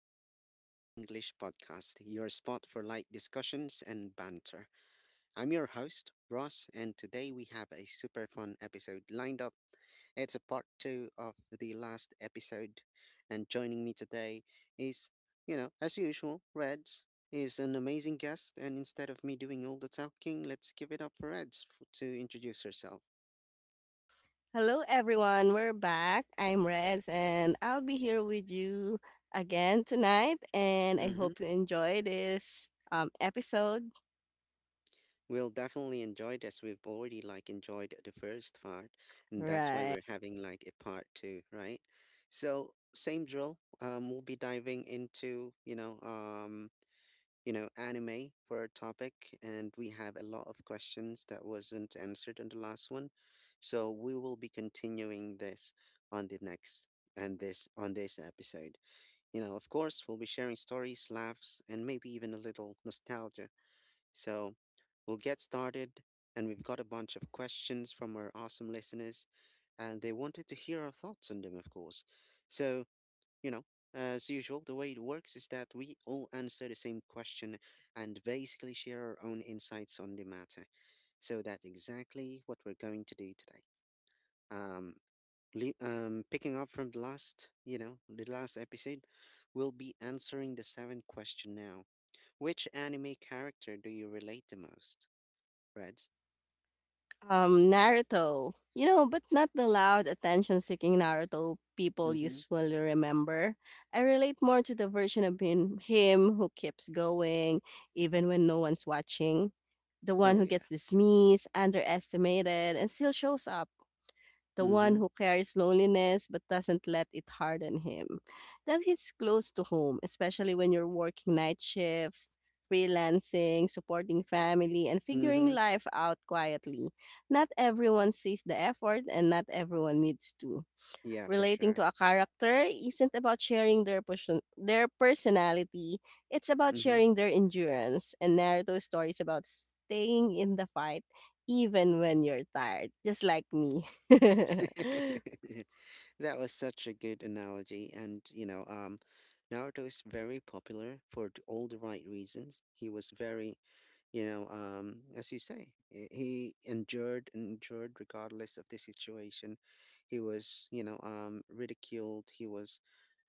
back to the Pinoy English Podcast, your spot for light discussions and banter. I'm your host, Ross, and today we have a super fun episode lined up. It's a part two of the last episode, and joining me today is, as usual, Reds is an amazing guest, and instead of me doing all the talking, let's give it up for Reds to introduce herself. Hello, everyone. We're back. I'm Reds, and I'll be here with you again tonight. And I Mm-hmm. hope you enjoy this episode. We'll definitely enjoy this. We've already like enjoyed the first part, and that's why Right. we're having like a part two, right? So same drill. We'll be diving into anime for our topic, and we have a lot of questions that wasn't answered in the last one, so we will be continuing this on the next and this on this episode. You know, of course, we'll be sharing stories, laughs, and maybe even a little nostalgia, so we'll get started. And we've got a bunch of questions from our awesome listeners, and they wanted to hear our thoughts on them, of course. So, you know, as usual, the way it works is that we all answer the same question and basically share our own insights on the matter. So that's exactly what we're going to do today. Um, picking up from the last, the last episode, we'll be answering the seventh question now. Which anime character do you relate the most, Reg? Naruto. You know, but not the loud, attention seeking Naruto people Mhm. usually remember. I relate more to the version of him who keeps going even when no one's watching. The one Oh, who yeah. gets dismissed, underestimated, and still shows up, the one Mhm. who carries loneliness but doesn't let it harden him. That hits close to home, especially when you're working night shifts, freelancing, supporting family, and figuring Mhm. life out quietly. Not everyone sees the effort, and not everyone needs to. Yeah, for Relating sure. to a character isn't about sharing their their personality. It's about Mhm. sharing their endurance. And Naruto stories about staying in the fight even when you're tired, just like me. That was such a good analogy. And, Naruto is very popular for all the right reasons. He was very, as you say, he endured and endured regardless of the situation. He was, ridiculed. He was.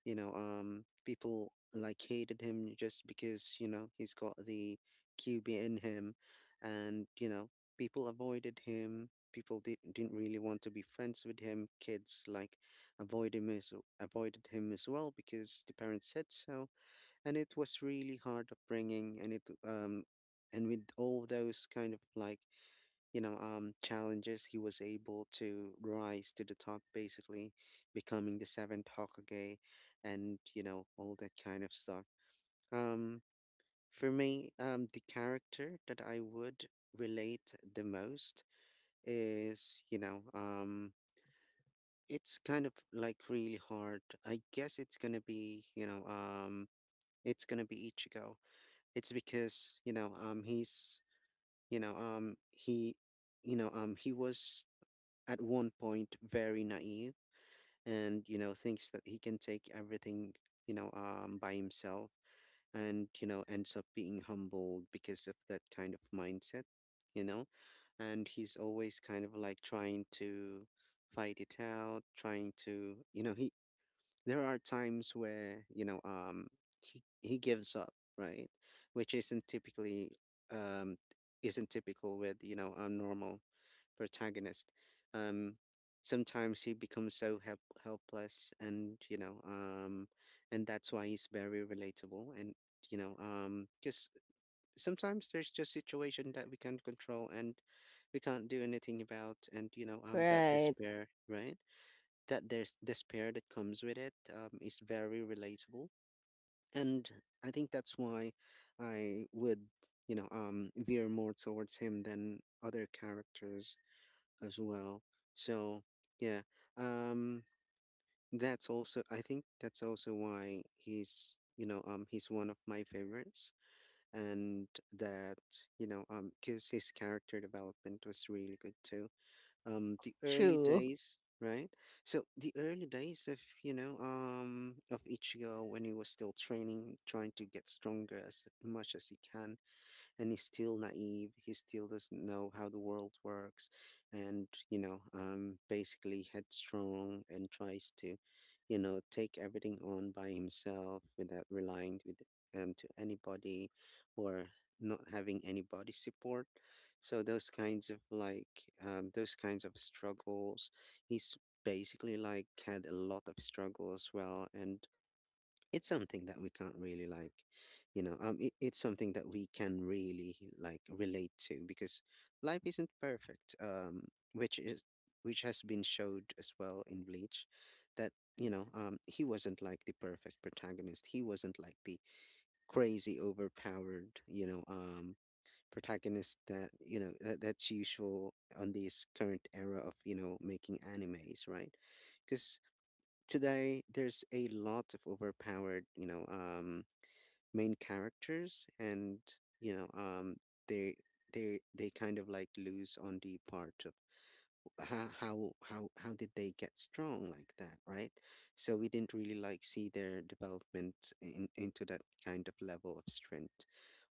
People like hated him just because you know he's got the QB in him, and you know people avoided him. Didn't really want to be friends with him. Kids like avoid him as, avoided him as well because the parents said so, and it was really hard upbringing. And with all those kind of like challenges, he was able to rise to the top, basically becoming the seventh Hokage, and you know all that kind of stuff. Um, for me, the character that I would relate the most is, it's kind of like really hard. I guess it's gonna be, it's gonna be Ichigo. It's because, he's, you know, he, you know, he was at one point very naive and you know thinks that he can take everything by himself, and you know ends up being humbled because of that kind of mindset, you know. And he's always kind of like trying to fight it out, trying to, he there are times where he gives up, right? Which isn't typically um isn't typical with you know a normal protagonist. Um, Sometimes he becomes so helpless, and and that's why he's very relatable. And because sometimes there's just situation that we can't control and we can't do anything about, and that Right. despair, right? That there's despair that comes with it, is very relatable, and I think that's why I would veer more towards him than other characters as well. So yeah, um, that's also, I think that's also why he's he's one of my favorites, and that because his character development was really good too. The early True. days. Right, so the early days of of Ichigo when he was still training, trying to get stronger as much as he can, and he's still naive. He still doesn't know how the world works, and basically headstrong and tries to, take everything on by himself without relying with to anybody, or not having anybody support. So those kinds of like those kinds of struggles, he's basically like had a lot of struggle as well, and it's something that we can't really like it's something that we can really like relate to because life isn't perfect, which is which has been showed as well in bleach, that he wasn't like the perfect protagonist, he wasn't like the crazy overpowered protagonist that that's usual on this current era of you know making animes, right? Because today there's a lot of overpowered main characters, and you know um they they kind of like lose on the part of how did they get strong like that, right? So we didn't really like see their development into that kind of level of strength,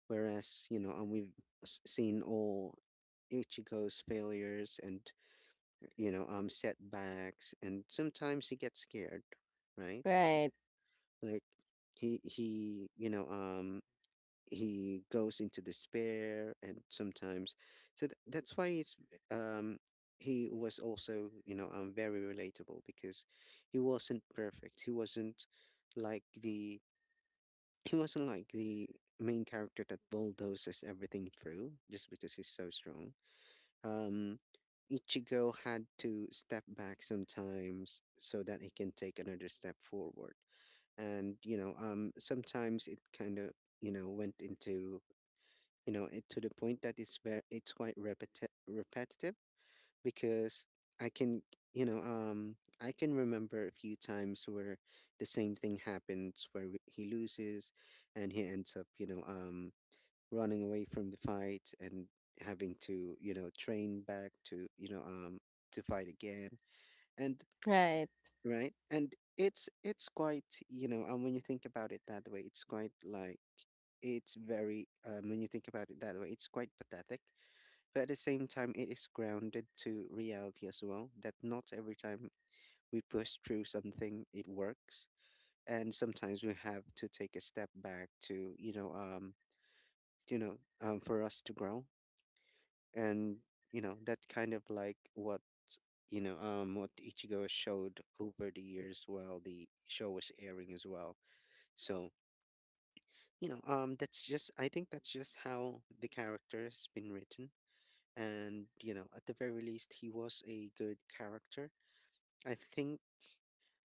whereas we've seen all ichigo's failures and setbacks, and sometimes he gets scared, right? Right. Like he he goes into despair and sometimes, so that's why it's um he was also very relatable because he wasn't perfect, like the he wasn't like the main character that bulldozes everything through just because he's so strong. um Ichigo had to step back sometimes so that he can take another step forward, and sometimes it kind of went into it to the point that it's very, it's quite repetitive, because I can I can remember a few times where the same thing happens, where he loses and he ends up running away from the fight and having to you know train back to to fight again, and Right. right? And it's quite, you know, and when you think about it that way, it's quite like it's very, when you think about it that way, it's quite pathetic. But at the same time, it is grounded to reality as well. That not every time we push through something, it works, and sometimes we have to take a step back to for us to grow, and you know that kind of like what what Ichigo showed over the years while the show was airing as well. So that's just, I think that's just how the character has been written, and you know at the very least he was a good character. I think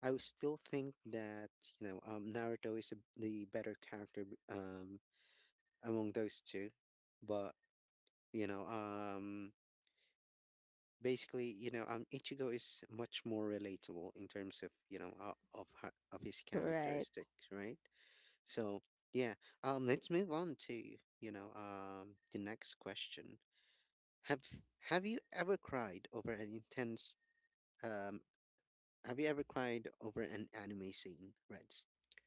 I would still think that Naruto is the better character among those two, but you know um basically, Ichigo is much more relatable in terms of, of her, of his Right. characteristics, right? So, yeah, let's move on to, the next question. Have Have you ever cried over an intense, um, have you ever cried over an anime scene, Reds?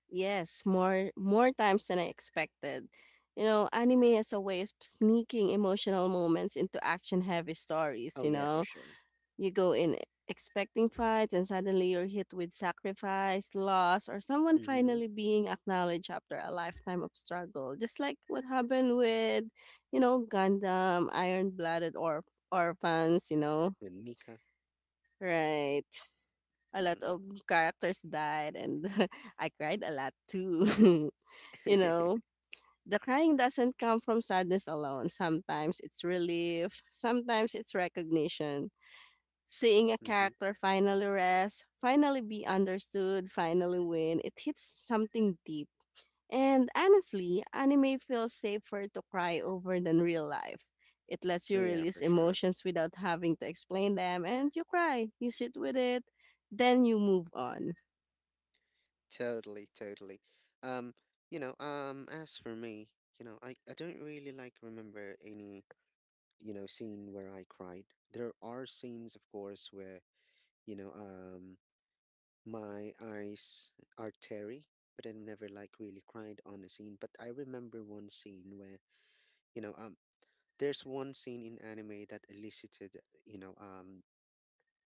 Yes, more times than I expected. You know, anime has a way of sneaking emotional moments into action-heavy stories, Oh you yeah, for know. sure. You go in expecting fights, and suddenly you're hit with sacrifice, loss, or someone Mm-hmm. finally being acknowledged after a lifetime of struggle. Just like what happened with, you know, Gundam, Iron Blooded or Orphans, you know, With Mika. right? A lot of Mm-hmm. characters died, and I cried a lot too, you know. The crying doesn't come from sadness alone. Sometimes it's relief, sometimes it's recognition. Seeing a character finally rest, finally be understood, finally win, it hits something deep. And honestly, anime feels safer to cry over than real life. It lets Oh you yeah, release for sure. emotions without having to explain them, and you cry, you sit with it, then you move on. Totally, totally. Um, as for me, you know, I don't really like remember any, scene where I cried. There are scenes, of course, where, you know, um, my eyes are teary, but I never like really cried on a scene. But I remember one scene where, you know, um, there's one scene in anime that elicited, you know, um,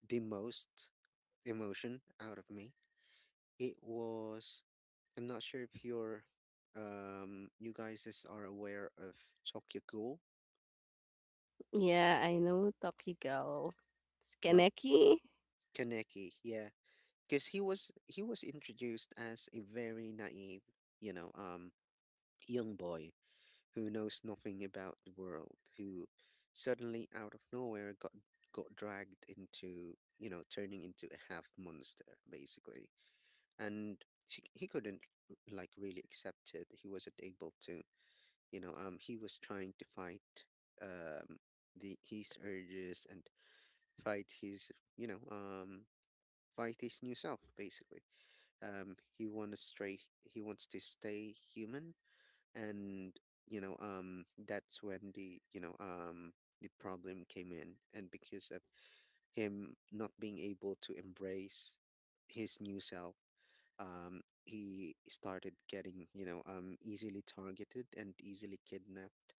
the most emotion out of me. It was, I'm not sure if you're, you guys are aware of Ghoul. Yeah, I know, Tokyo. Well, Skaneki? Kaneki, yeah, because he was introduced as a very naive, you know, um, young boy who knows nothing about the world, who suddenly out of nowhere got dragged into, turning into a half monster basically, and he couldn't like really accept it. He wasn't able to he was trying to fight um the his urges and fight his fight his new self basically. He wants to stay human, and that's when the you know the problem came in. And because of him not being able to embrace his new self, he started getting, easily targeted and easily kidnapped,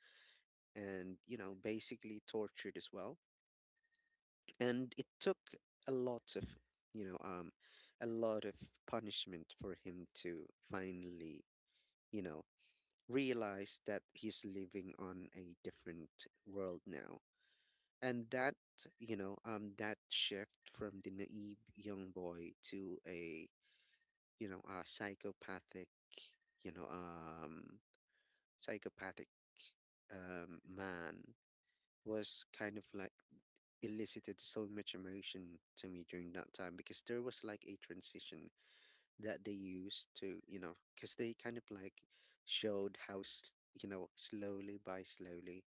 and you know, basically tortured as well. And it took a lot of, you know um a lot of punishment for him to finally, you know, realize that he's living on a different world now. And that, that shift from the naive young boy to a, you know, a psychopathic, you know um psychopathic man, was kind of like, elicited so much emotion to me during that time, because there was like a transition that they used to, you know, because they kind of like showed how, you know, slowly by slowly,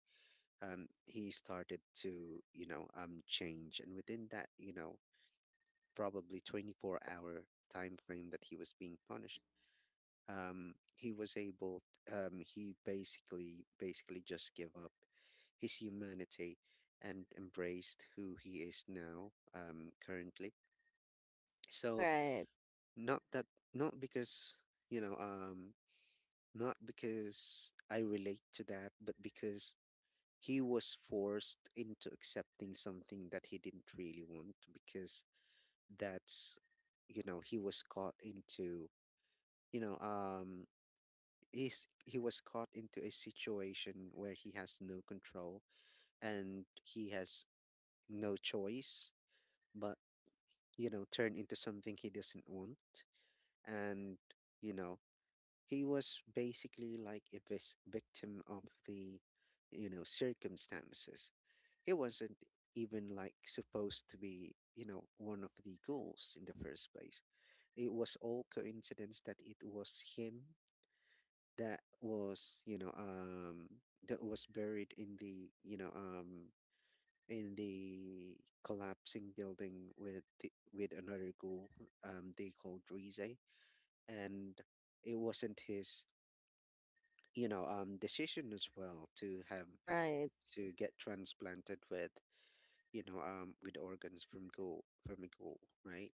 he started to, you know, change. And within that, you know, probably 24-hour hour time frame that he was being punished, he was able, he basically just gave up his humanity and embraced who he is now, currently. So Right, not that, not because, you know um not because I relate to that, but because he was forced into accepting something that he didn't really want. Because that's, you know, he was caught into, you know um he was caught into a situation where he has no control, and he has no choice but, you know, turn into something he doesn't want. And, you know, he was basically like a victim of the, you know, circumstances. He wasn't even like supposed to be, you know, one of the goals in the first place. It was all coincidence that it was him, that was, that was buried in the, in the collapsing building with the, with another ghoul, they called Rize. And it wasn't his, decision as well to have right, to get transplanted with, with organs from ghoul from a ghoul, right?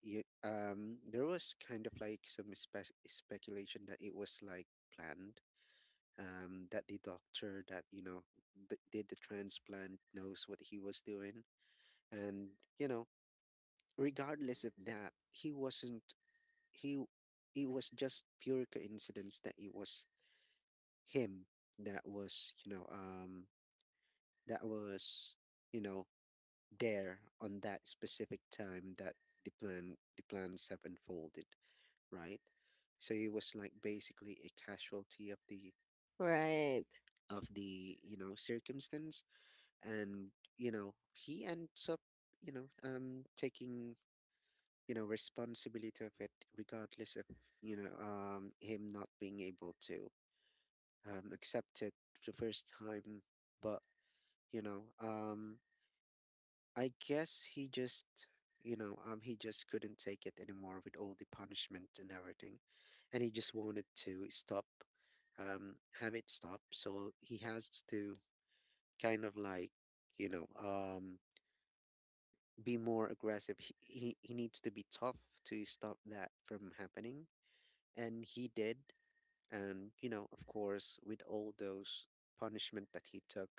There was kind of like some speculation that it was like planned. That the doctor that, you know, did the transplant knows what he was doing. And, you know, regardless of that, he wasn't, he, it was just pure coincidence that it was him, that was, that was, you know, there on that specific time that the plans have unfolded, right? So it was like basically a casualty of the, right, of the, you know, circumstance. And, you know, he ends up, taking, you know, responsibility of it, regardless of, him not being able to, accept it the first time. But, you know um I guess he just, he just couldn't take it anymore with all the punishment and everything. And he just wanted to stop, have it stop, so he has to, kind of like, you know um be more aggressive. He needs to be tough to stop that from happening, and he did. And you know, of course, with all those punishment that he took,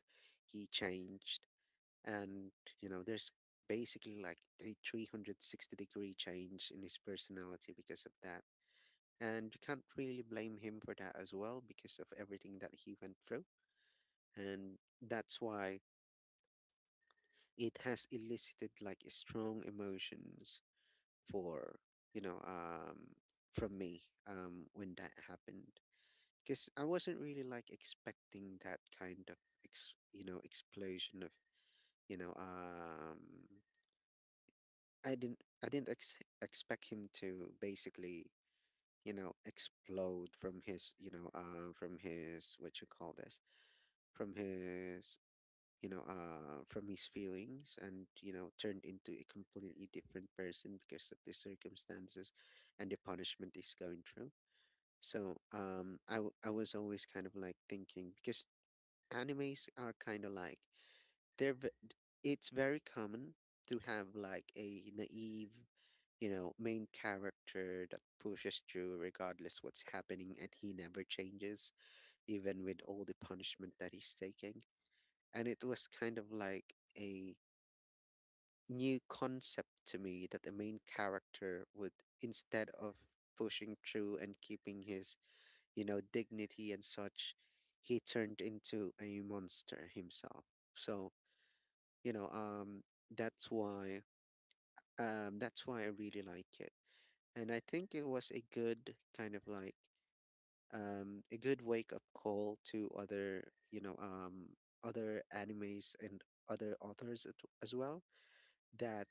he changed. And you know, there's basically like a 360-degree change in his personality because of that. And you can't really blame him for that as well because of everything that he went through. And that's why it has elicited like strong emotions for, you know um from me, when that happened. Because I wasn't really like expecting that kind of, you know, explosion of, you know um I didn't expect him to basically, you know, explode from his, from his, what you call this, from his, from his feelings, and, you know, turned into a completely different person because of the circumstances and the punishment he's going through. So, I was always kind of like thinking, because animes are kind of like, they're v- it's very common to have like a naive, you know, main character that pushes through regardless what's happening, and he never changes even with all the punishment that he's taking. And it was kind of like a new concept to me that the main character would, instead of pushing through and keeping his, you know, dignity and such, he turned into a monster himself. So, you know um that's why, that's why I really like it. And I think it was a good kind of like, a good wake up call to other, other animes and other authors as well, that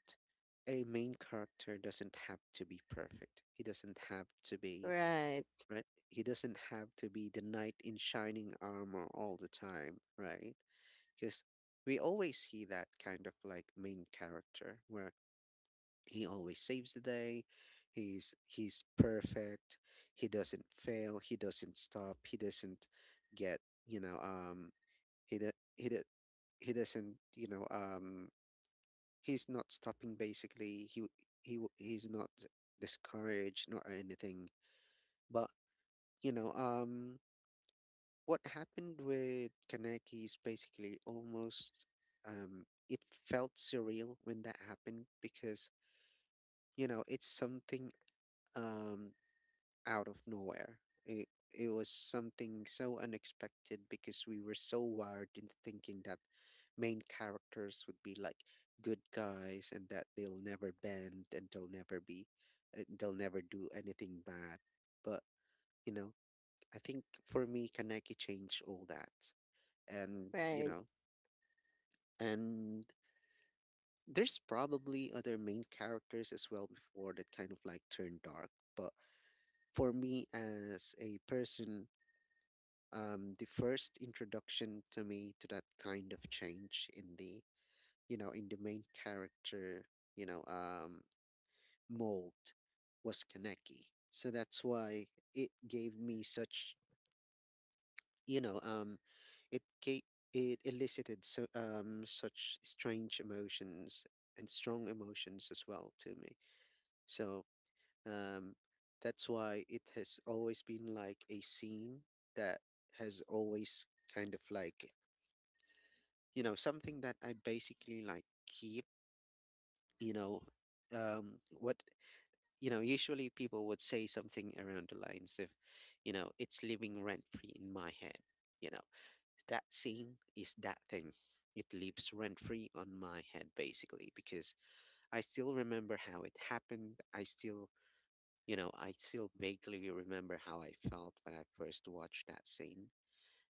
a main character doesn't have to be perfect. He doesn't have to be, right, right? He doesn't have to be the knight in shining armor all the time, right? Because we always see that kind of like main character where he always saves the day. He's perfect. He doesn't fail. He doesn't stop. He doesn't get, you know, um he do, he do, he doesn't, he's not stopping basically. He's not discouraged nor anything. But, you know um what happened with Kaneki is basically almost, um it felt surreal when that happened. Because, you know, it's something, um out of nowhere. It was something so unexpected, because we were so wired into thinking that main characters would be like good guys, and that they'll never bend, and they'll never be, they'll never do anything bad. But, you know, I think for me, Kaneki changed all that. And, you right. know, and there's probably other main characters as well before that kind of like turned dark. But for me, as a person, the first introduction to me to that kind of change in the, you know, in the main character, you know um, mold, was Kaneki. So that's why it gave me such, you know um, it ga- it elicited so, such strange emotions and strong emotions as well to me. So, um, that's why it has always been like a scene that has always kind of like, you know, something that I basically like keep, you know um what you know, usually people would say something around the lines of, you know, it's living rent free in my head, you know. That scene is that thing. It lives rent free on my head basically. Because I still remember how it happened. I still, you know, I still vaguely remember how I felt when I first watched that scene.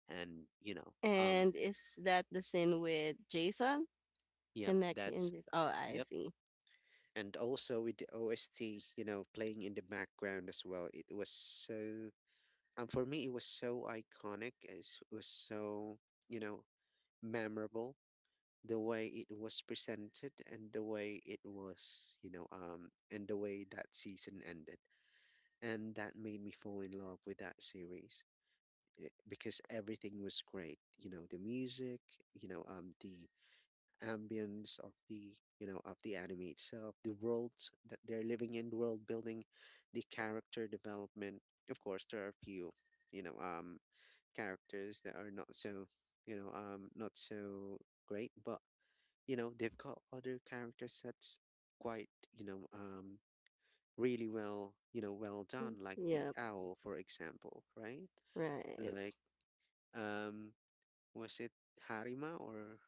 And you know um And is that the scene with Jason? yep, Connection that's, just oh, I yep. see. And also with the OST, you know, playing in the background as well. It was so, for me, it was so iconic. It was so, you know, memorable. The way it was presented, and the way it was, you know, and the way that season ended, and that made me fall in love with that series. Eh, because everything was great. You know, the music, the ambience of the, you know, of the anime itself, the world that they're living in, the world building, the character development. Of course, there are a few, you know um characters that are not so, not so great. But, you know, they've got other character sets quite, really well, you know, well done. Like the Yep, owl, for example, right? right. Like, um was it Harima or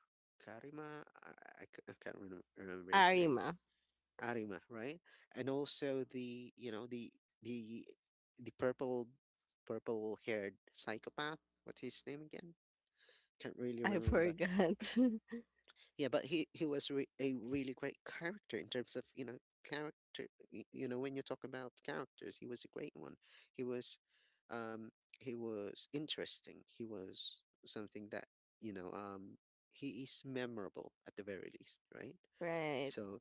Karima? I can't remember his name. Arima. Arima, right? And also the, you know, the the purple, haired psychopath. What's his name again? Can't really I remember. forgot. Yeah, but he was re a really great character in terms of, you know, character. You know, when you talk about characters, he was a great one. He was, um, he was interesting. He was something that, you know, um, he is memorable at the very least, right? Right. So,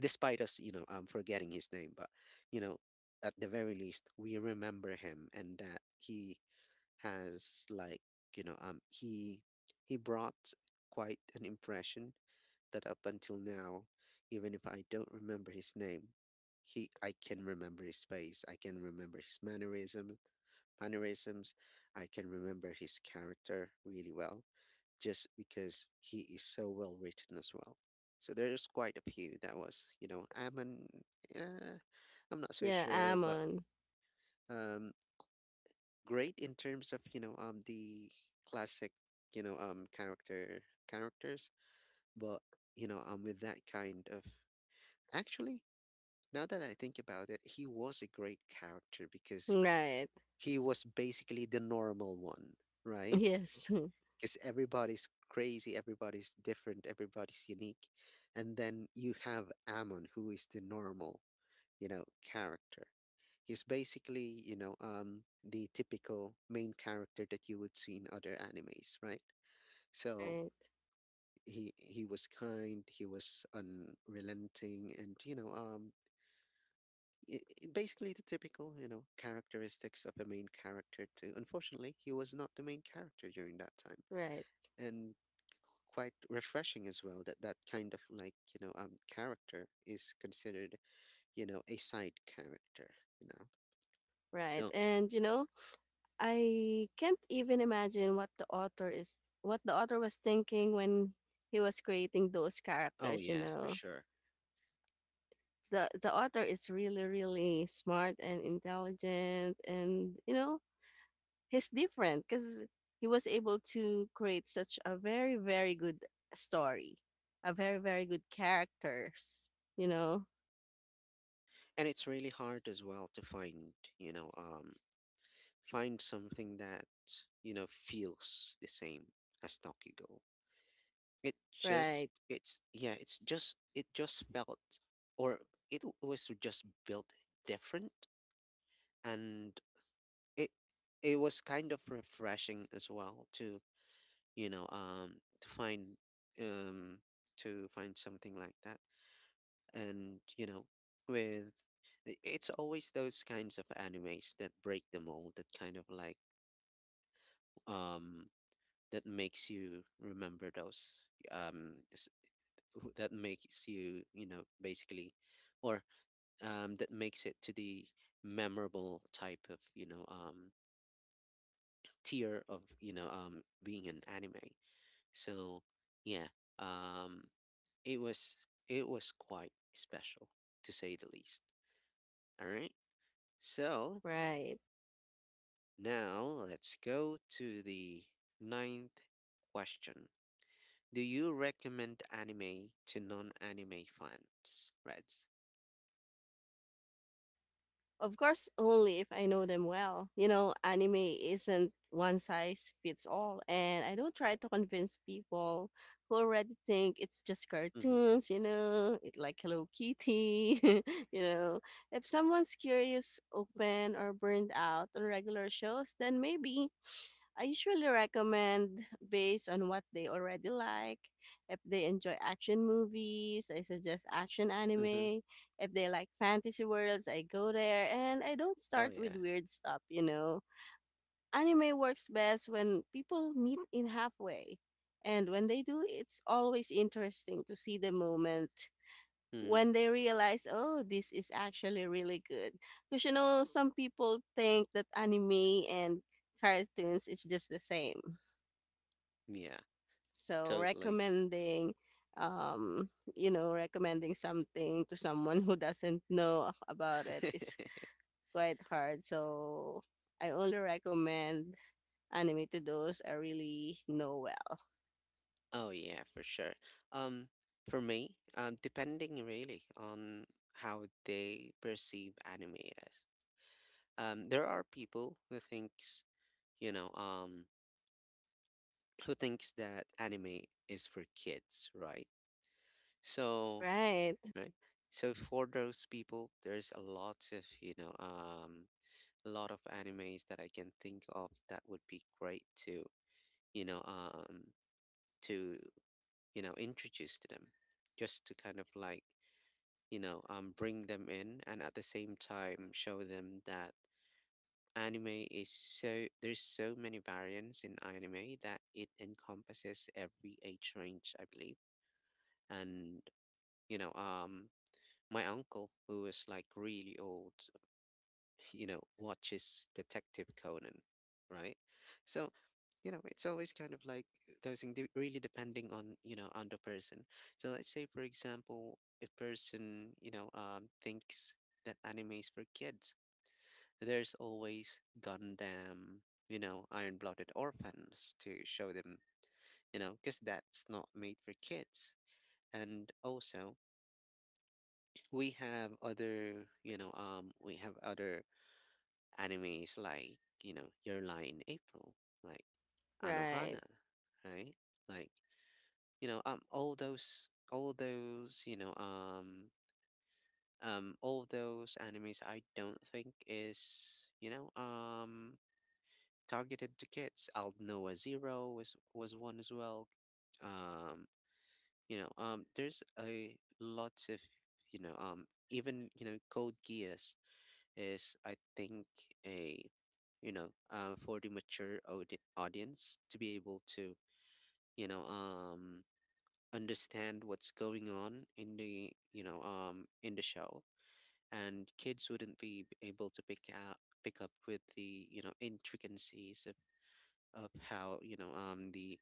despite us, forgetting his name, but, you know, at the very least, we remember him, and that he has like, you know um he he brought quite an impression, that up until now, even if I don't remember his name, he, I can remember his face. I can remember his mannerisms. Mannerisms. I can remember his character really well, just because he is so well written as well. So there's quite a few that was, you know, uh, I'm not so Yeah, sure, but, Amon. um, great in terms of, the classic, you know um character characters. But, with that kind of, actually, now that I think about it, he was a great character because Right. he was basically the normal one, right? Yes. Because everybody's crazy, everybody's different, everybody's unique, and then you have Ammon, who is the normal, you know, character. He's basically, you know, the typical main character that you would see in other animes, right? So Right. he was kind, he was unrelenting, and you know, i basically the typical, you know, characteristics of a main character too. Unfortunately, he was not the main character during that time. Right. And quite refreshing as well that that kind of like, character is considered, you know, a side character, you know. Right. So And you know, I can't even imagine what the author was thinking when he was creating those oh characters, you yeah, for know. sure. The author is really, really smart and intelligent and you know, he's different because he was able to create such a very very good story, a very very good characters, you know. And it's really hard as well to find, find something that, you know, feels the same as Go. It just, Right, it's, yeah, it's just, it just felt, or it was just built different. And it, it was kind of refreshing as well to, you know, um, to find, um, to find something like that. And you know, with it's always those kinds of animes that break the mold, that kind of like um that makes you remember those um s- that makes you, you know, basically, or that makes it to the memorable type of, tier of, being an anime. So yeah, um it was, it was quite special, to say the least. All right, so right. now let's go to the ninth question. Do you recommend anime to non-anime fans, Reds? Of course, only if I know them well. You know, anime isn't one size fits all and I don't try to convince people who already think it's just Mm-hmm. cartoons, you know, it like Hello Kitty. You know, if someone's curious, open or burned out on regular shows, then maybe. I usually recommend based on what they already like. If they enjoy action movies, I suggest action Mm-hmm. anime. If they like fantasy worlds, I go there and I don't Oh start with yeah. weird stuff, you know. Anime works best when people meet in halfway. And when they do, it's always interesting to see the moment Mm-hmm. when they realize, oh, this is actually really good. Because you know, some people think that anime and cartoons is just the same. Yeah, So totally. recommending, um, you know, recommending something to someone who doesn't know about it is quite hard. So I only recommend anime to those I really know well. Oh yeah, for sure. Um, for me, depending really on how they perceive anime as. There are people who thinks, you know, um, who thinks that anime is for kids, right? So Right, right? So for those people, there's a lot of, a lot of animes that I can think of that would be great to, you know, um, to, you know, introduce to them, just to kind of like, bring them in, and at the same time show them that anime is so, there's so many variants in anime that it encompasses every age range, I believe. And, you know, um, my uncle, who is like really old, you know, watches Detective Conan, right? So, you know, it's always kind of like those things, really depending on, you know, on the person. So let's say, for example, if person, thinks that anime is for kids, there's always Gundam, you know, Iron-Blooded Orphans to show them, you know, because that's not made for kids. And also, we have other, we have other anime is like, you know, Your Lie in April, like right, Anohana, right? Like, all those, all those animes I don't think is, targeted to kids. Al Noah Zero was one as well. Um, you know, there's a lots of, you know, um even, you know, Code Geass is, I think, a, for the mature audience to be able to, you know um understand what's going on in the, in the show. And kids wouldn't be able to pick out pick up with the, you know, intricacies of how, the,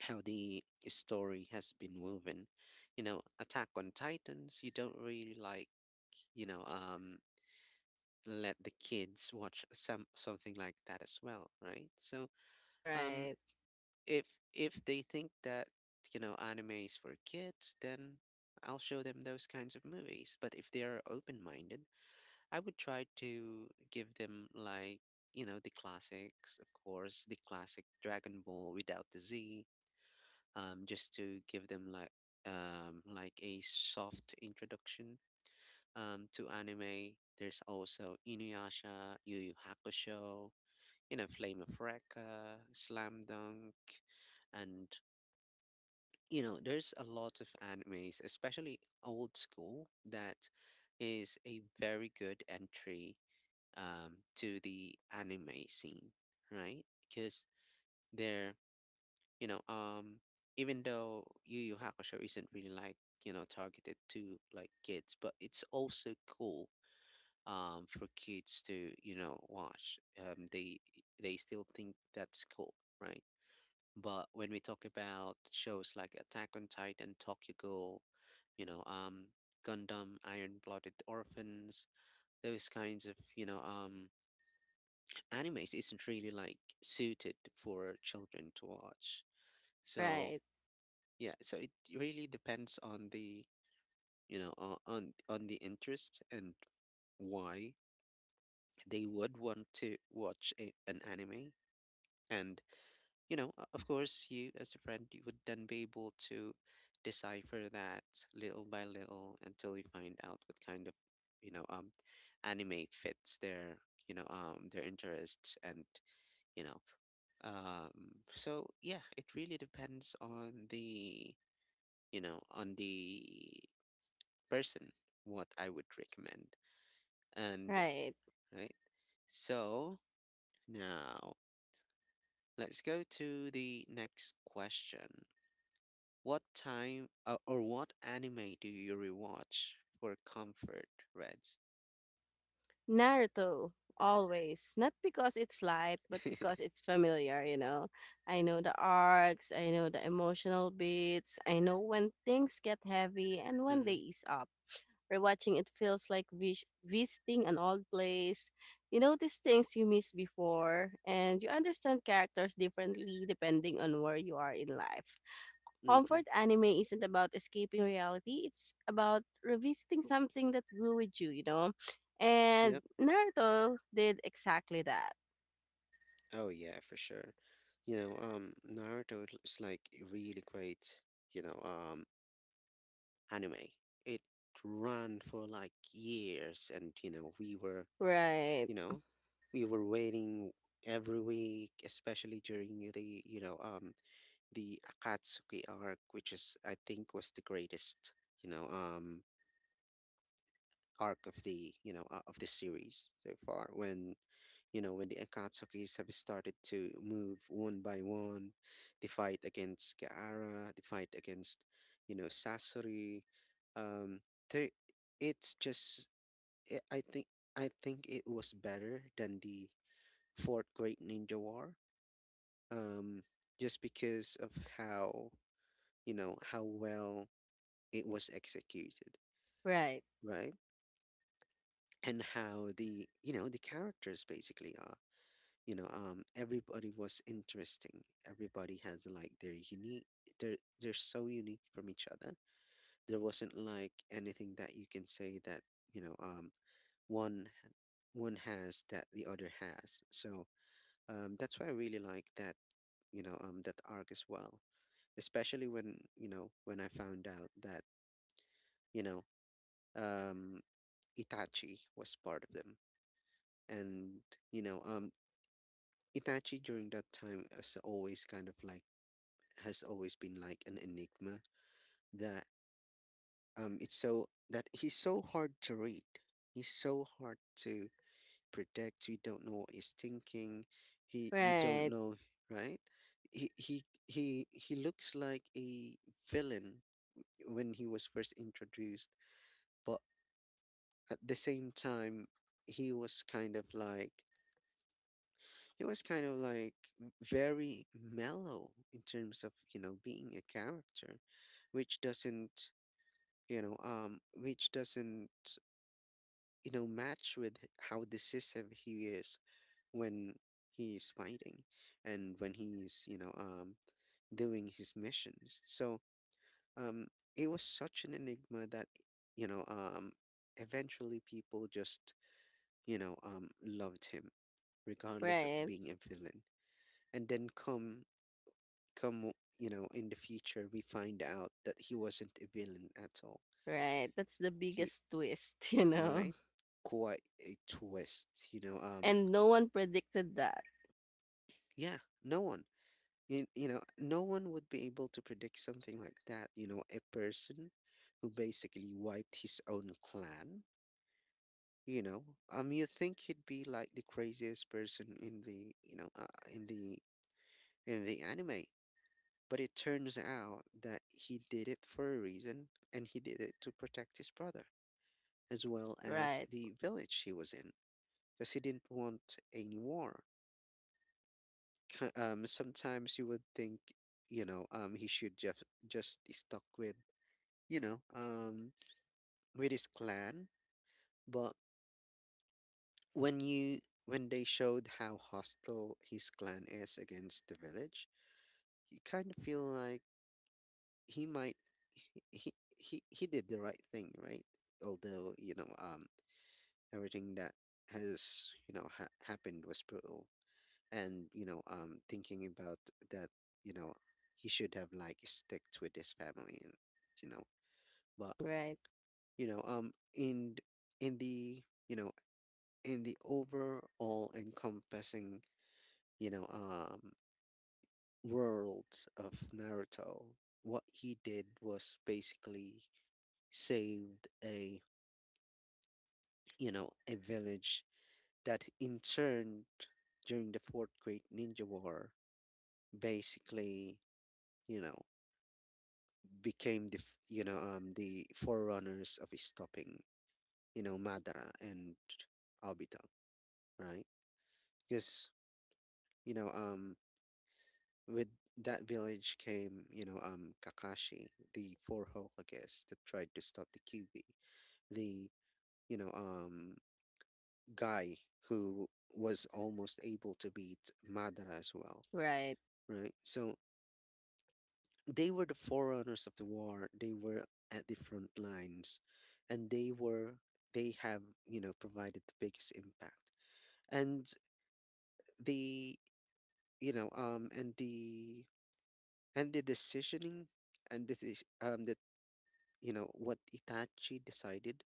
how the story has been woven. You know, Attack on Titans, you don't really like, you know um let the kids watch some something like that as well, right? So, um, right, if they think that, you know, anime is for kids, then I'll show them those kinds of movies. But if they are open minded, I would try to give them like, you know, the classics, of course, the classic Dragon Ball without the Z, just to give them like a soft introduction, to anime. There's also Inuyasha, Yu Yu Hakusho, you know, Flame of Recca, Slam Dunk, and you know, there's a lot of animes, especially old school, that is a very good entry, to the anime scene, right? Because they're, you know, um, even though Yu Yu Hakusho isn't really like, you know, targeted to like kids, but it's also cool, for kids to, you know, watch. They still think that's cool, right? But when we talk about shows like Attack on Titan, Tokyo Ghoul, you know, um, Gundam, Iron Blooded Orphans, those kinds of, animes isn't really like suited for children to watch. So right, yeah, so it really depends on the, on the interest, and why they would want to watch a, an anime. And you know, of course you, as a friend, you would then be able to decipher that little by little until you find out what kind of, you know um anime fits their, their interests. And you know so yeah, it really depends on the, you know, on the person, what I would recommend. And right. right, so now let's go to the next question. What time or what anime do you rewatch for comfort, Reds? Naruto always, not because it's light but because it's familiar, you know. I know the arcs, I know the emotional beats, I know when things get heavy and when they Mm-hmm. ease up. Rewatching it feels like visiting an old place. You notice things you missed before, and you understand characters differently depending on where you are in life. Mm-hmm. Comfort anime isn't about escaping reality, it's about revisiting something that grew with you, you know? And Yep. Naruto did exactly that. Oh yeah, for sure. Naruto is like a really great, you know, um, anime. It ran for like years, and, you know, we were, Right, you know, we were waiting every week, especially during the, the Akatsuki arc, which is, I think, was the greatest, you know, um, arc of the, of the series so far. When you know, when the Akatsukis have started to move one by one, the fight against Gaara, the fight against, you know, Sasori, um, they, it's just I I think I think it was better than the Fourth Great Ninja War, um, just because of how, you know, how well it was executed, right, right? And how the, you know, the characters basically are. You know, everybody was interesting. Everybody has like their unique. They're so unique from each other. There wasn't like anything that you can say that, you know um one one has that the other has. So that's why I really like that, that arc as well, especially when, you know, when I found out that, you know um, Itachi was part of them. And you know um Itachi during that time has always kind of like has always been like an enigma that, it's so that he's so hard to read, he's so hard to predict. You don't know what he's thinking, he, you don't right, know, right? He looks like a villain when he was first introduced, but at the same time he was kind of like, he was kind of like very mellow in terms of, you know, being a character, which doesn't, which doesn't, you know, match with how decisive he is when he's fighting, and when he's, doing his missions. So, um, it was such an enigma that, you know, um, eventually people just, loved him, regardless of right, being a villain. And then come you know, in the future we find out that he wasn't a villain at all. right. That's the He biggest twist, you know? right, quite a twist, you know. And no one predicted that. Yeah, no one, you know, no one would be able to predict something like that. You know, a person who basically wiped his own clan, you know you think he'd be like the craziest person in the, in the, in the anime, but it turns out that he did it for a reason, and he did it to protect his brother as well as Right, the village he was in, because he didn't want any war. Sometimes you would think, he should just stuck with, you know, um, with his clan. But when you, when they showed how hostile his clan is against the village, you kind of feel like he might, he did the right thing, right? Although, everything that has, you know, happened was brutal. And thinking about that, you know he should have like sticked with his family and, you know but, right, in the, in the overall encompassing, you know um world of Naruto, what he did was basically saved a, you know, a village that in turn, during the Fourth Great Ninja War, basically, you know, became the, the forerunners of stopping, you know, Madara and Obito, right? Because you know um with that village came, Kakashi, the four Hokages that tried to stop the Kyuubi, the, you know um guy who was almost able to beat Madara as well, right. right? So they were the forerunners of the war. They were at the front lines, and they have, you know, provided the biggest impact. And the, and the, and the decisioning, and this is, that, you know, what Itachi decided,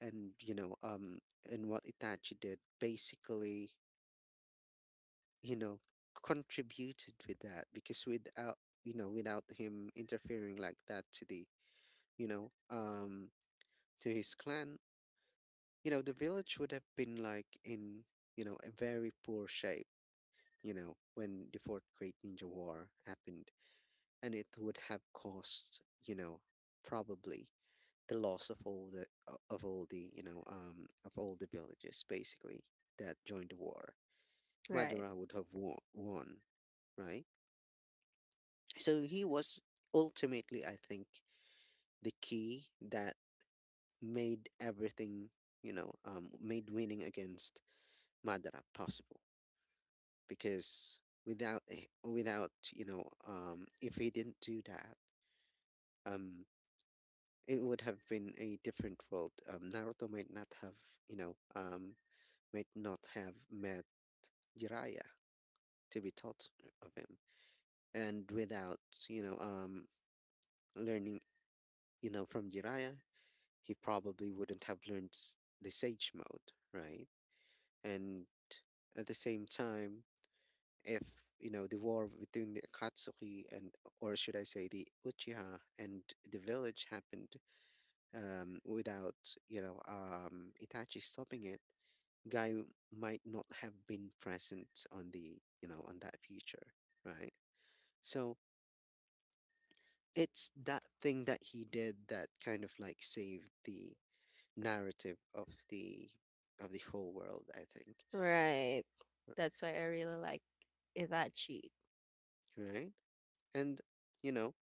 and and what Itachi did basically, you know, contributed with that, because without, you know, without him interfering like that to the, you know um to his clan, you know, the village would have been like in, you know, a very poor shape, you know, when the Fourth Great Ninja War happened. And it would have caused, you know, probably the loss of all the, of all the, of all the villages basically that joined the war. Right, Madara would have won, right? So he was ultimately, I think, the key that made everything, made winning against Madara possible because without if he didn't do that um it would have been a different world. Naruto might not have you know um might not have met Jiraiya to be taught of him. And without you know um learning, from Jiraiya, he probably wouldn't have learned the sage mode, right? And at the same time, if you know the war between the Akatsuki and, or should I say the Uchiha and the village happened, without Itachi stopping it, Guy might not have been present on the you know on that future, right? So it's that thing that he did that kind of like saved the narrative of the whole world, I think, right. r- That's why I really like Hibachi. right? And you know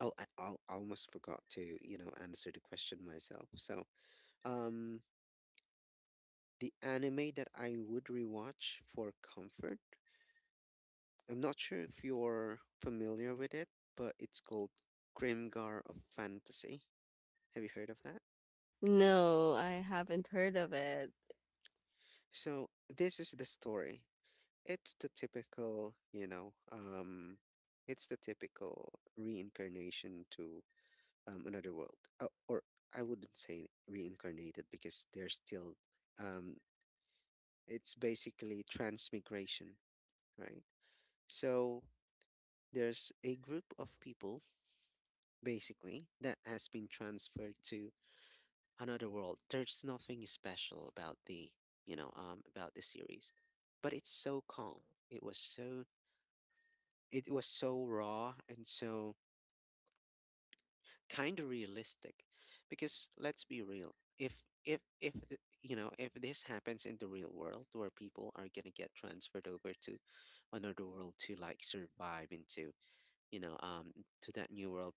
oh, I almost forgot to, answer the question myself. So, um, the anime that I would rewatch for comfort, I'm not sure if you're familiar with it, but it's called Grimgar of Fantasy. Have you heard of that? No, I haven't heard of it. So, this is the story. It's the typical, it's the typical reincarnation to, another world. Oh, or I wouldn't say reincarnated because they're still um it's basically transmigration, right? So there's a group of people, basically, that has been transferred to another world. There's nothing special about the about the series, but it's so calm. It was so, it was so raw and so kind of realistic, because let's be real. If if this happens in the real world, where people are going to get transferred over to another world to like survive into you know um to that new world,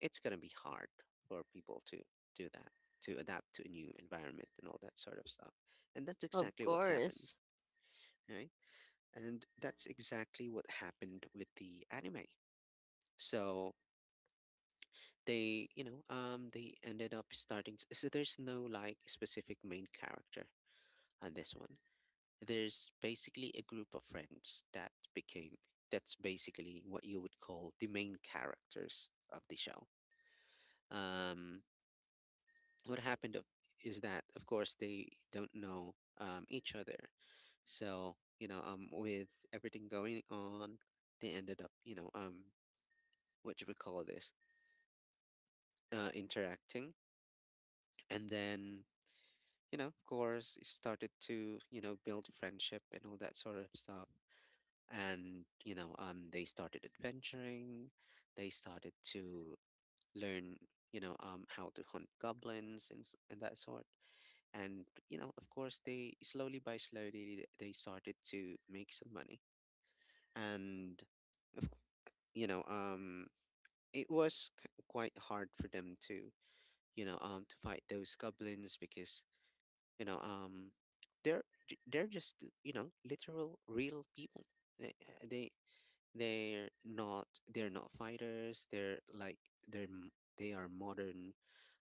it's going to be hard for people to do that, to adapt to a new environment and all that sort of stuff. And that's Of exactly what happened, course. right? And that's exactly what happened with the anime. So they you know they ended up starting so there's no like specific main character on this one. There's basically a group of friends that became, that's basically what you would call the main characters of the show. um what happened is that of course they don't know each other. So with everything going on, they ended up, what do we call this, uh, interacting. And then, of course, it started to, build friendship and all that sort of stuff. And, they started adventuring. They started to learn, how to hunt goblins and, and that sort. And, of course, they slowly by slowly, they started to make some money. And, of, c- you know, um, it was quite hard for them to, to fight those goblins, because you know um they're they're just, literal real people. They they, they're not, they're not fighters. They're like, they're m- they are modern,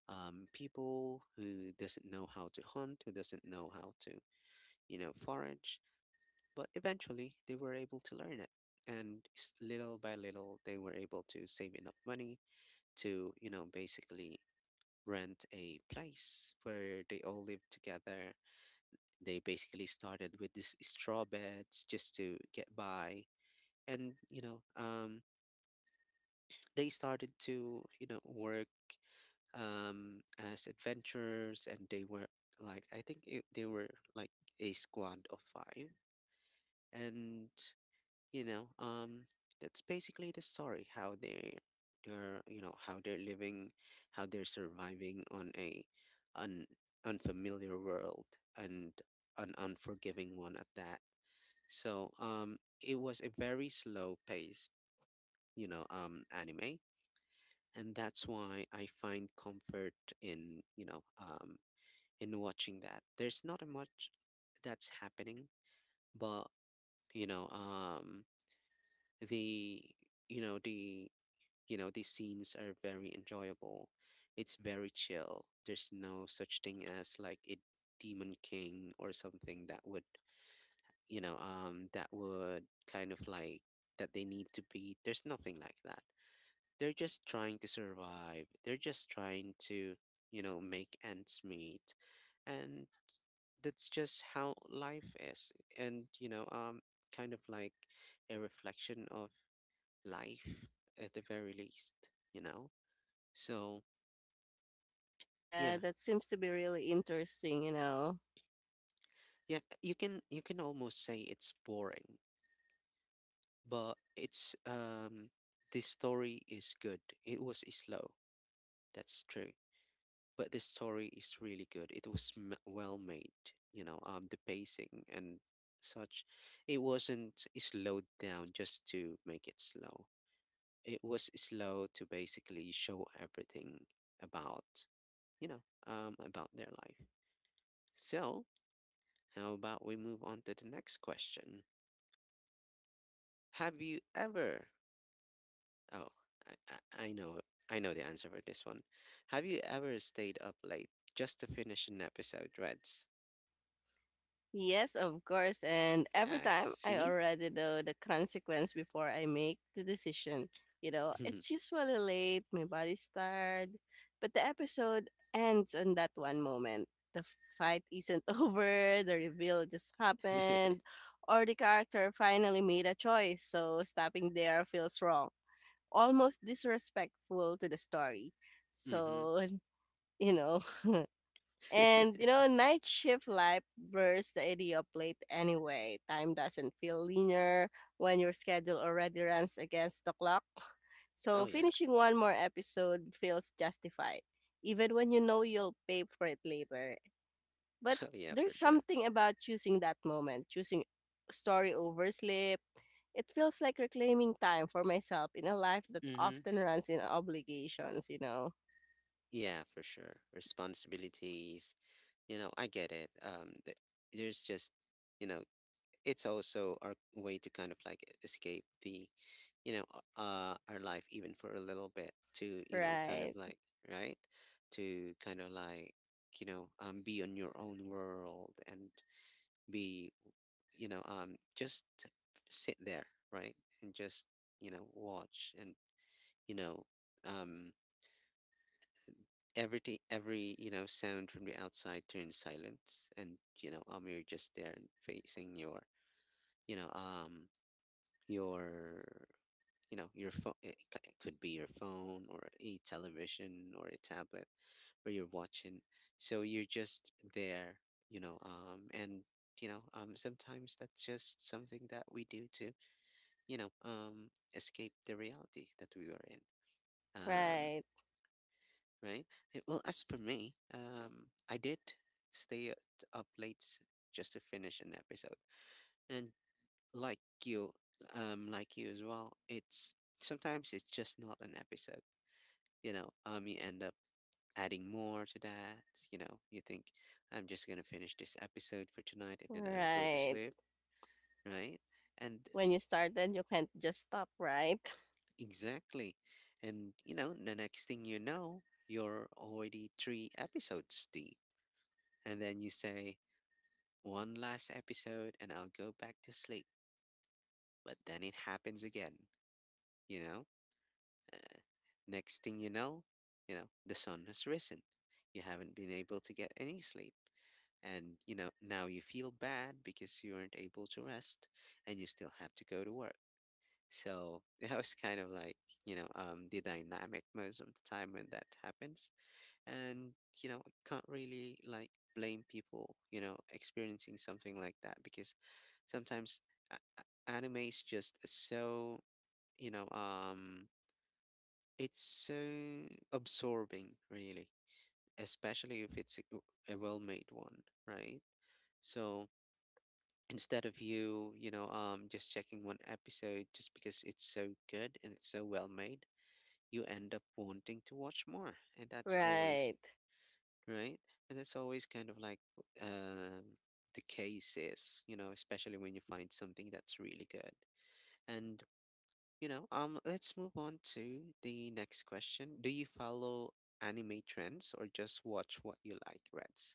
people who doesn't know how to hunt, who doesn't know how to, forage. But eventually they were able to learn it. And little by little, they were able to save enough money to, basically rent a place where they all live together. They basically started with these straw beds just to get by, and they started to work, as adventurers, and they were like, I think it, they were like a squad of five, and you know, um, that's basically the story how they, they're how they're living, how they're surviving on a, an unfamiliar world, and an unforgiving one at that. So it was a very slow paced, anime, and that's why I find comfort in, in watching that. There's not a much that's happening, but you know, um, the you know the the scenes are very enjoyable. It's very chill. There's no such thing as like a demon king or something that would, that would kind of like that they need to be. There's nothing like that. They're just trying to survive. They're just trying to, make ends meet. And that's just how life is. And, kind of like a reflection of life, at the very least, So, Yeah, yeah. that seems to be really interesting, you know. Yeah, you can, you can almost say it's boring, but it's the story is good. It was slow. That's true. But this story is really good. It was well made, the pacing and such. It wasn't slowed down just to make it slow. It was slow to basically show everything about, about their life. So, how about we move on to the next question? Have you ever? Oh, I know, I know the answer for this one. Have you ever stayed up late just to finish an episode, Reds? Yes, of course. And every I time I see. already know the consequence before I make the decision. You know, Mhm. it's usually late, my body's tired, but the episode ends on that one moment. The fight isn't over, the reveal just happened, or the character finally made a choice, so stopping there feels wrong, almost disrespectful to the story. So, you know, and you know, night shift life blurs the idea of late anyway. Time doesn't feel linear when your schedule already runs against the clock. So Oh yeah. finishing one more episode feels justified, even when you know you'll pay for it later. But Oh yeah, for there's sure. something about choosing that moment, choosing story over sleep. It feels like reclaiming time for myself in a life that Mhm. often runs in obligations, you know. Yeah, for sure. Responsibilities. You know, I get it. There's just, you know, it's also our way to kind of like escape the, you know, our life, even for a little bit, to, kind of Right, like, right? To kind of like, be on your own world and be, just sit there, right, and just watch and, you know, um, everything, every sound from the outside turns silence, and you're just there and facing your, you know, um, your, your phone. It it could be your phone or a television or a tablet where you're watching. So you're just there, and sometimes that's just something that we do too, escape the reality that we were in. Um, right, right? Eh, well, as for me, I did stay at- up late just to finish an episode, and like you, like you as well, it's, sometimes it's just not an episode. You end up adding more to that. You know, you think, I'm just gonna finish this episode for tonight, and then I'll go to right. sleep, right? And When you started, you can't just stop, right? exactly. And you know, the next thing you know, you're already three episodes deep. And then you say, one last episode and I'll go back to sleep. But then it happens again, you know? Uh, next thing you know, the sun has risen. You haven't been able to get any sleep. And you know, now you feel bad because you weren't able to rest, and you still have to go to work. So that was kind of like, the dynamic most of the time when that happens. And, you know, I can't really like blame people, you know, experiencing something like that, because sometimes anime is just so, you know, um, it's so absorbing, really, especially if it's a well-made one, right? So instead of you, just checking one episode just because it's so good and it's so well made, you end up wanting to watch more, and that's always Right. right? And that's always kind of like, um, the case is, you know, especially when you find something that's really good. And let's move on to the next question. Do you follow anime trends or just watch what you like, Reds?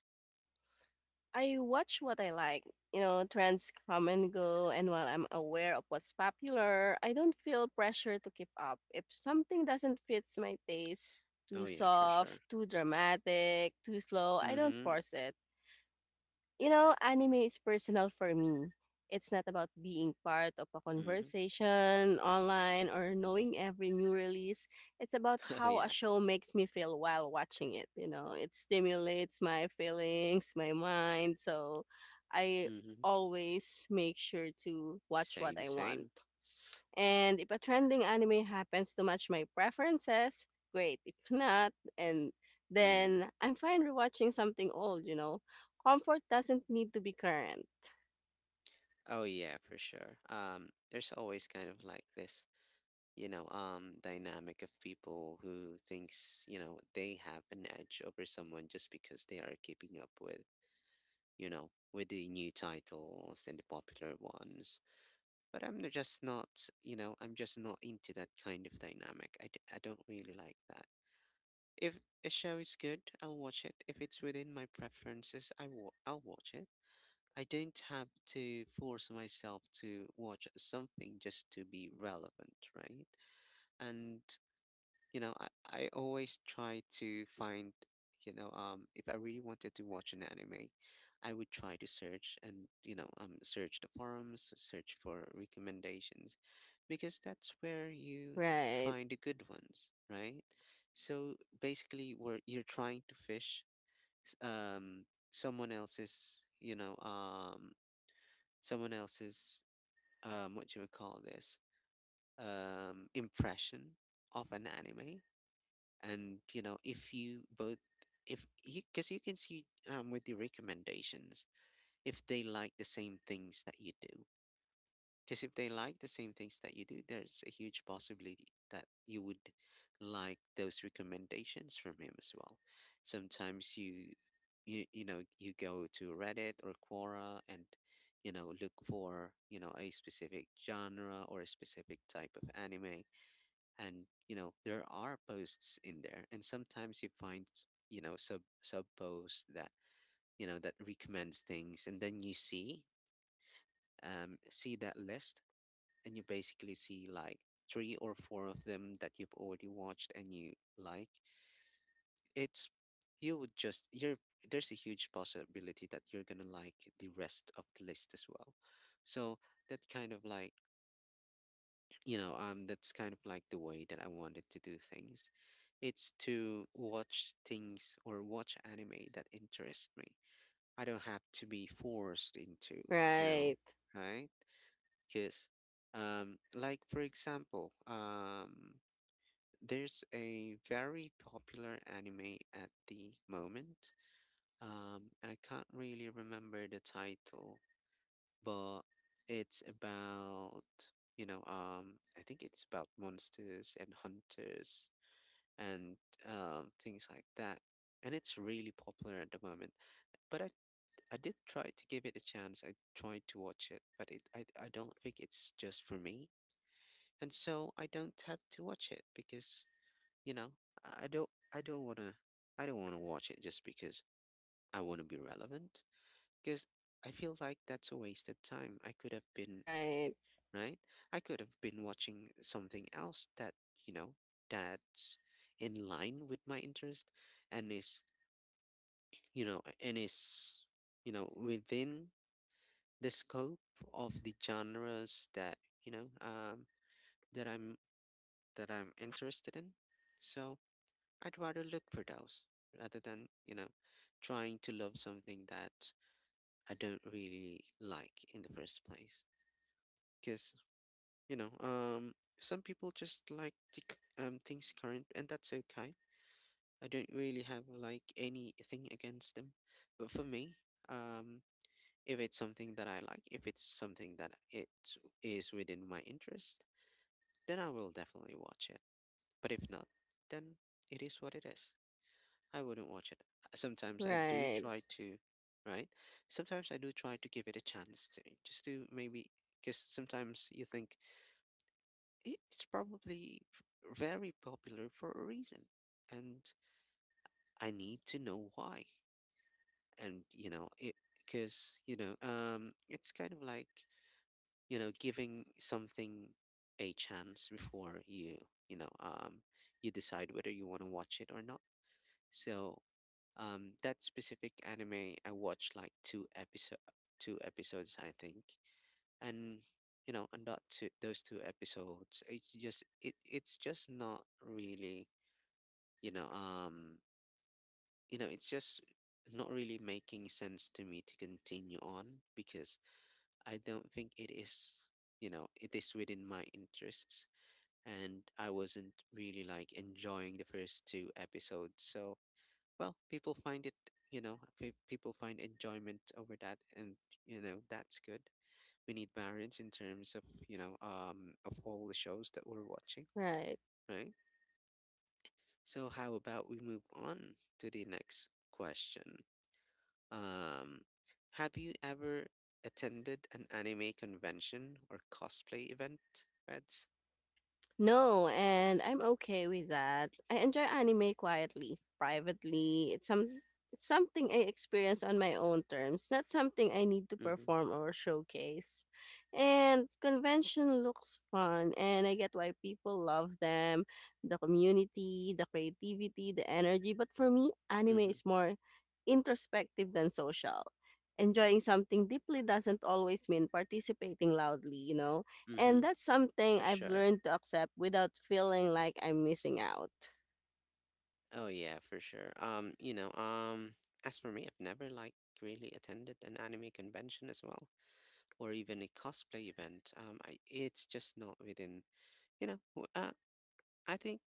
I watch what I like. You know, trends come and go, and while I'm aware of what's popular, I don't feel pressure to keep up. If something doesn't fit my taste, Oh too yeah, for sure. soft, too dramatic, too slow, I don't Mm-hmm. force it. You know, anime is personal for me. It's not about being part of a Mm-hmm. conversation online or knowing every new release. It's about Oh how a yeah. show makes me feel while watching it. You know, it stimulates my feelings, my mind. So I Mm-hmm. always make sure to watch what Same, I want. same. And if a trending anime happens to match my preferences, great. If not, and Mm. then I'm fine rewatching something old, you know. Comfort doesn't need to be current. Oh yeah, for sure. There's always kind of like this dynamic of people who thinks, they have an edge over someone just because they are keeping up with, with the new titles and the popular ones. But just not, I'm just not into that kind of dynamic. I don't really like that. If a show is good, I'll watch it. If it's within my preferences, I'll watch it. I don't have to force myself to watch something just to be relevant, right? And, I always try to find, if I really wanted to watch an anime, I would try to search and, search the forums, search for recommendations, because that's where you Right. find the good ones, right? So basically, where you're trying to fish, s- um, someone else's— someone else's, what you would call this, impression of an anime. And if you both if you because you can see, with the recommendations, if they like the same things that you do. Because if they like the same things that you do, there's a huge possibility that you would like those recommendations from him as well. Sometimes you go to Reddit or Quora, and look for, a specific genre or a specific type of anime. And there are posts in there, and sometimes you find— sub posts that you know that recommends things, and then you see that list. And you basically see like three or four of them that you've already watched, and you like it's you would just you're there's a huge possibility that you're gonna like the rest of the list as well. So that kind of like you know, um, that's kind of like the way that I wanted to do things. It's to watch things or watch anime that interest me. I don't have to be forced into, you know, Right. right? Because, like, for example, there's a very popular anime at the moment, and I can't really remember the title, but it's about— I think it's about monsters and hunters, and things like that. And it's really popular at the moment. But I did try to give it a chance. I tried to watch it, but it I don't think it's just for me. And so I don't have to watch it because you know I don't want to I don't want to watch it just because I want to be relevant, because I feel like that's a wasted time. I could have been, Right. right? I could have been watching something else you know, that's in line with my interest and is, you know, and is, within the scope of the genres that, you know, um, that I'm that I'm interested in. So I'd rather look for those rather than, trying to love something that I don't really like in the first place. Because, some people just like to things current, and that's okay. I don't really have, like, anything against them. But for me, um, if it's something that I like, if it's something that it is within my interest, then I will definitely watch it. But if not, then it is what it is. I wouldn't watch it. Sometimes I do Right. try to, right? Sometimes I do try to give it a chance, to just to maybe— because sometimes you think it's probably very popular for a reason, and I need to know why. And you know, it because, it's kind of like, giving something a chance before you know, um, you decide whether you want to watch it or not. So, that specific anime I watched like two episodes, I think, and those two episodes, it's just— it's just not really— you know um it's just not really making sense to me to continue on, because I don't think it is within my interests, and I wasn't really, like, enjoying the first two episodes, so... Well, people find enjoyment over that, and that's good. We need variance in terms of, of all the shows that we're watching. Right. Right? So how about we move on to the next question? um have you ever attended an anime convention or cosplay event, Reds? No, and I'm okay with that. I enjoy anime quietly, privately. It's something I experience on my own terms, not something I need to Mm-hmm. perform or showcase. And convention looks fun, and I get why people love them, the community, the creativity, the energy, but for me, anime Mm-hmm. is more introspective than social. Enjoying something deeply doesn't always mean participating loudly, you know? Mm-hmm. And that's something For I've sure. learned to accept without feeling like I'm missing out. Oh yeah, for sure. As for me, I've never, like, really attended an anime convention as well, or even a cosplay event. It's just not within— you know, w- uh, I think—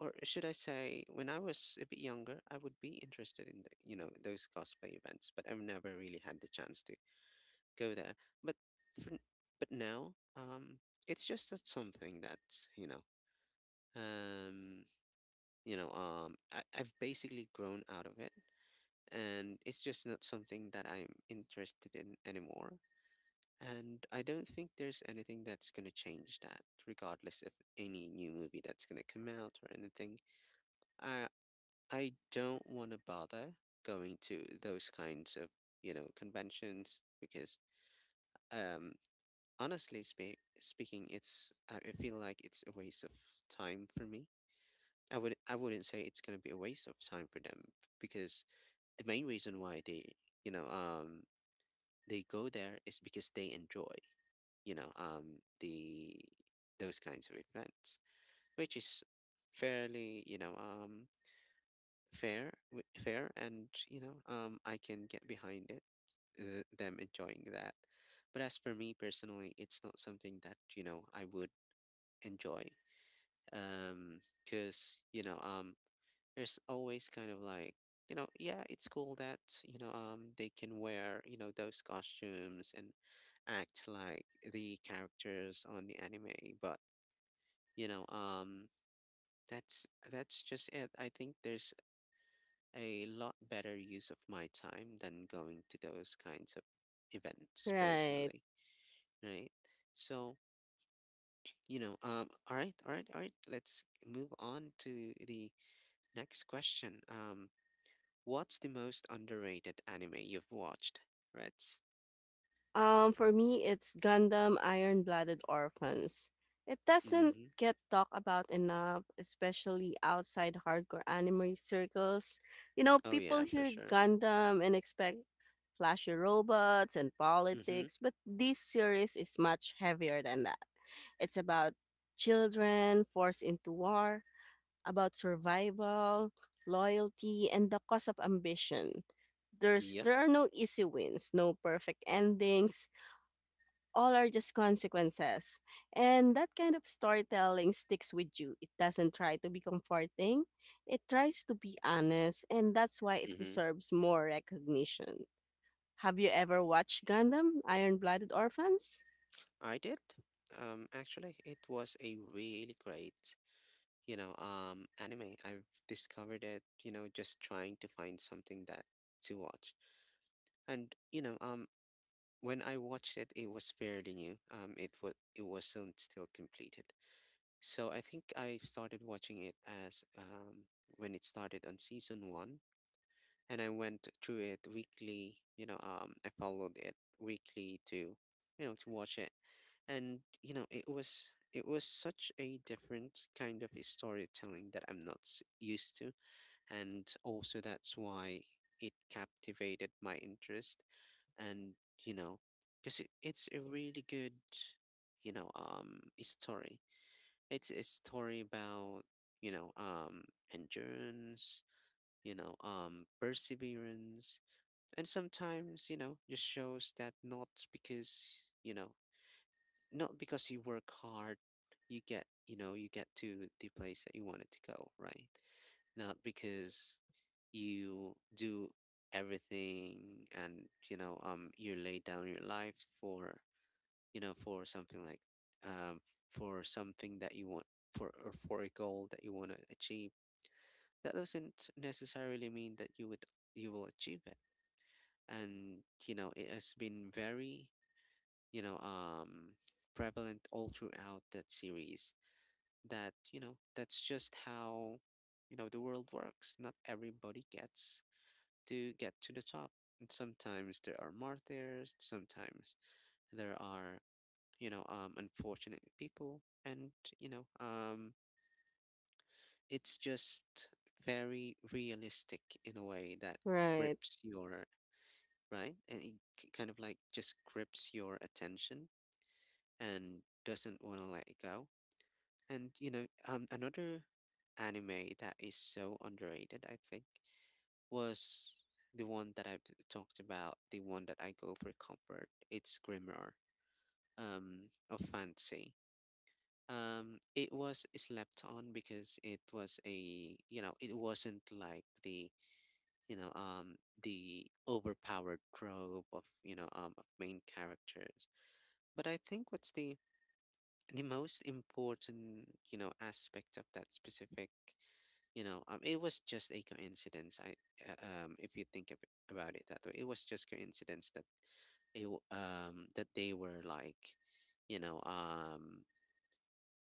or should I say— when I was a bit younger, I would be interested in the— those cosplay events, but I've never really had the chance to go there. But for, n- but now, it's just that, something that's— um, I've basically grown out of it, and it's just not something that I'm interested in anymore. And I don't think there's anything that's gonna change that, regardless of any new movie that's gonna come out or anything. I. I don't want to bother going to those kinds of, conventions, because, um, honestly speaking, it's I feel like it's a waste of time for me. I wouldn't say it's gonna be a waste of time for them, because the main reason why you know, um, they go there is because they enjoy, you know, the those kinds of events, which is— fairly, you know, um, fair, and I can get behind it, them enjoying that. But as for me personally, it's not something that, I would enjoy. Because, there's always kind of like, yeah, it's cool that, they can wear, those costumes, and act like the characters on the anime, but, you know um that's that's just it. I think there's a lot better use of my time than going to those kinds of events Right. personally, right? So, all right, all right, all right, let's move on to the next question. What's the most underrated anime you've watched, Reds? For me, it's Gundam Iron Blooded Orphans. It doesn't Mm-hmm. get talked about enough, especially outside hardcore anime circles. You know, Oh people yeah, for hear sure. Gundam and expect flashy robots and Mm-hmm. politics, but this series is much heavier than that. It's about children forced into war, about survival, loyalty, and the cost of ambition. Yep. There are no easy wins, no perfect endings. All are just consequences. And that kind of storytelling sticks with you. It doesn't try to be comforting. It tries to be honest, and that's why it Mm-hmm. deserves more recognition. Have you ever watched Gundam Iron Blooded Orphans? I did. Actually, it was a really great, anime. I've discovered it, just trying to find something that to watch. And you know, um, when I watched it, it was fairly new. It was it wasn't still completed. So I think I started watching it as when it started on season one, and I went through it weekly. I followed it weekly, to watch it, and, it was such a different kind of storytelling that I'm not used to, and also that's why it captivated my interest, and, you know, because it's a really good, story. It's a story about— you know um endurance, perseverance, and sometimes, just shows that— not because you work hard, you get to the place that you wanted to go, right? Not because you do everything and, you lay down your life for, something like, um for something that you want, for or for a goal that you want to achieve. That doesn't necessarily mean that you will achieve it, and, it has been very, you know, um, prevalent all throughout that series. That's just how, the world works. Not everybody gets to get to the top. And sometimes there are martyrs, sometimes there are, unfortunate people. And, you know, um, it's just very realistic in a way that Right, grips your— right, and it kind of like just grips your attention, and doesn't want to let it go. And another anime that is so underrated, I think, was the one that I've talked about, the one that I go for comfort. It's Grimoire, of Fancy. It was slept on because it wasn't like the overpowered trope of main characters. But I think what's the most important, aspect of that specific— it was just a coincidence. I If you think of about it that way, it was just coincidence that they were like you know um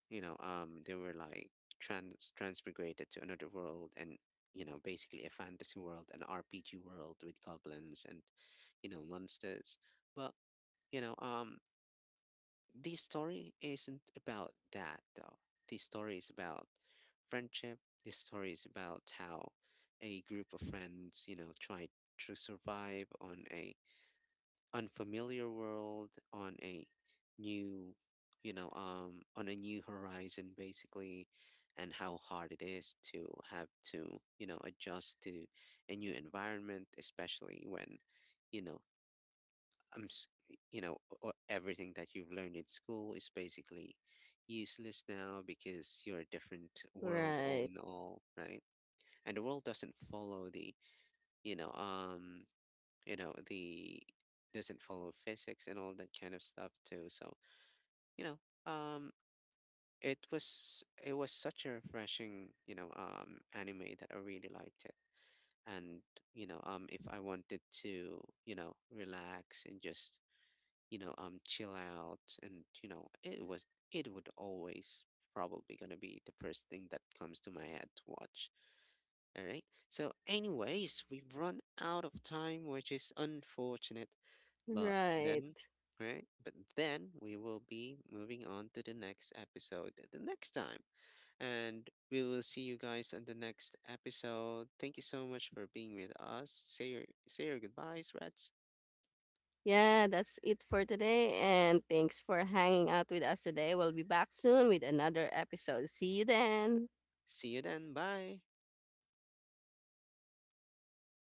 they were like transmigrated to another world, and, basically a fantasy world, an RPG world with goblins and, monsters. But, you know um this story isn't about that, though. This story is about friendship. This story is about how a group of friends, try to survive on a unfamiliar world, on a new, new horizon, basically, and how hard it is to have to, adjust to a new environment, especially when, you know, I'm, s- you know, o- everything that you've learned in school is basically useless now because you're a different world all right, in all, right? And the world doesn't follow the— you know, um, you know, the doesn't follow physics and all that kind of stuff, too. So, you know, um, it was such a refreshing, anime that I really liked it. And, if I wanted to, relax and just, chill out, and, it would always probably gonna be the first thing that comes to my head to watch. All right. So, anyways, we've run out of time, which is unfortunate, but then. right. Right, but then we will be moving on to the next episode the next time, and we will see you guys on the next episode. Thank you so much for being with us. Say your goodbyes, Reds. Yeah, that's it for today. And thanks for hanging out with us today. We'll be back soon with another episode. See you then. See you then. Bye.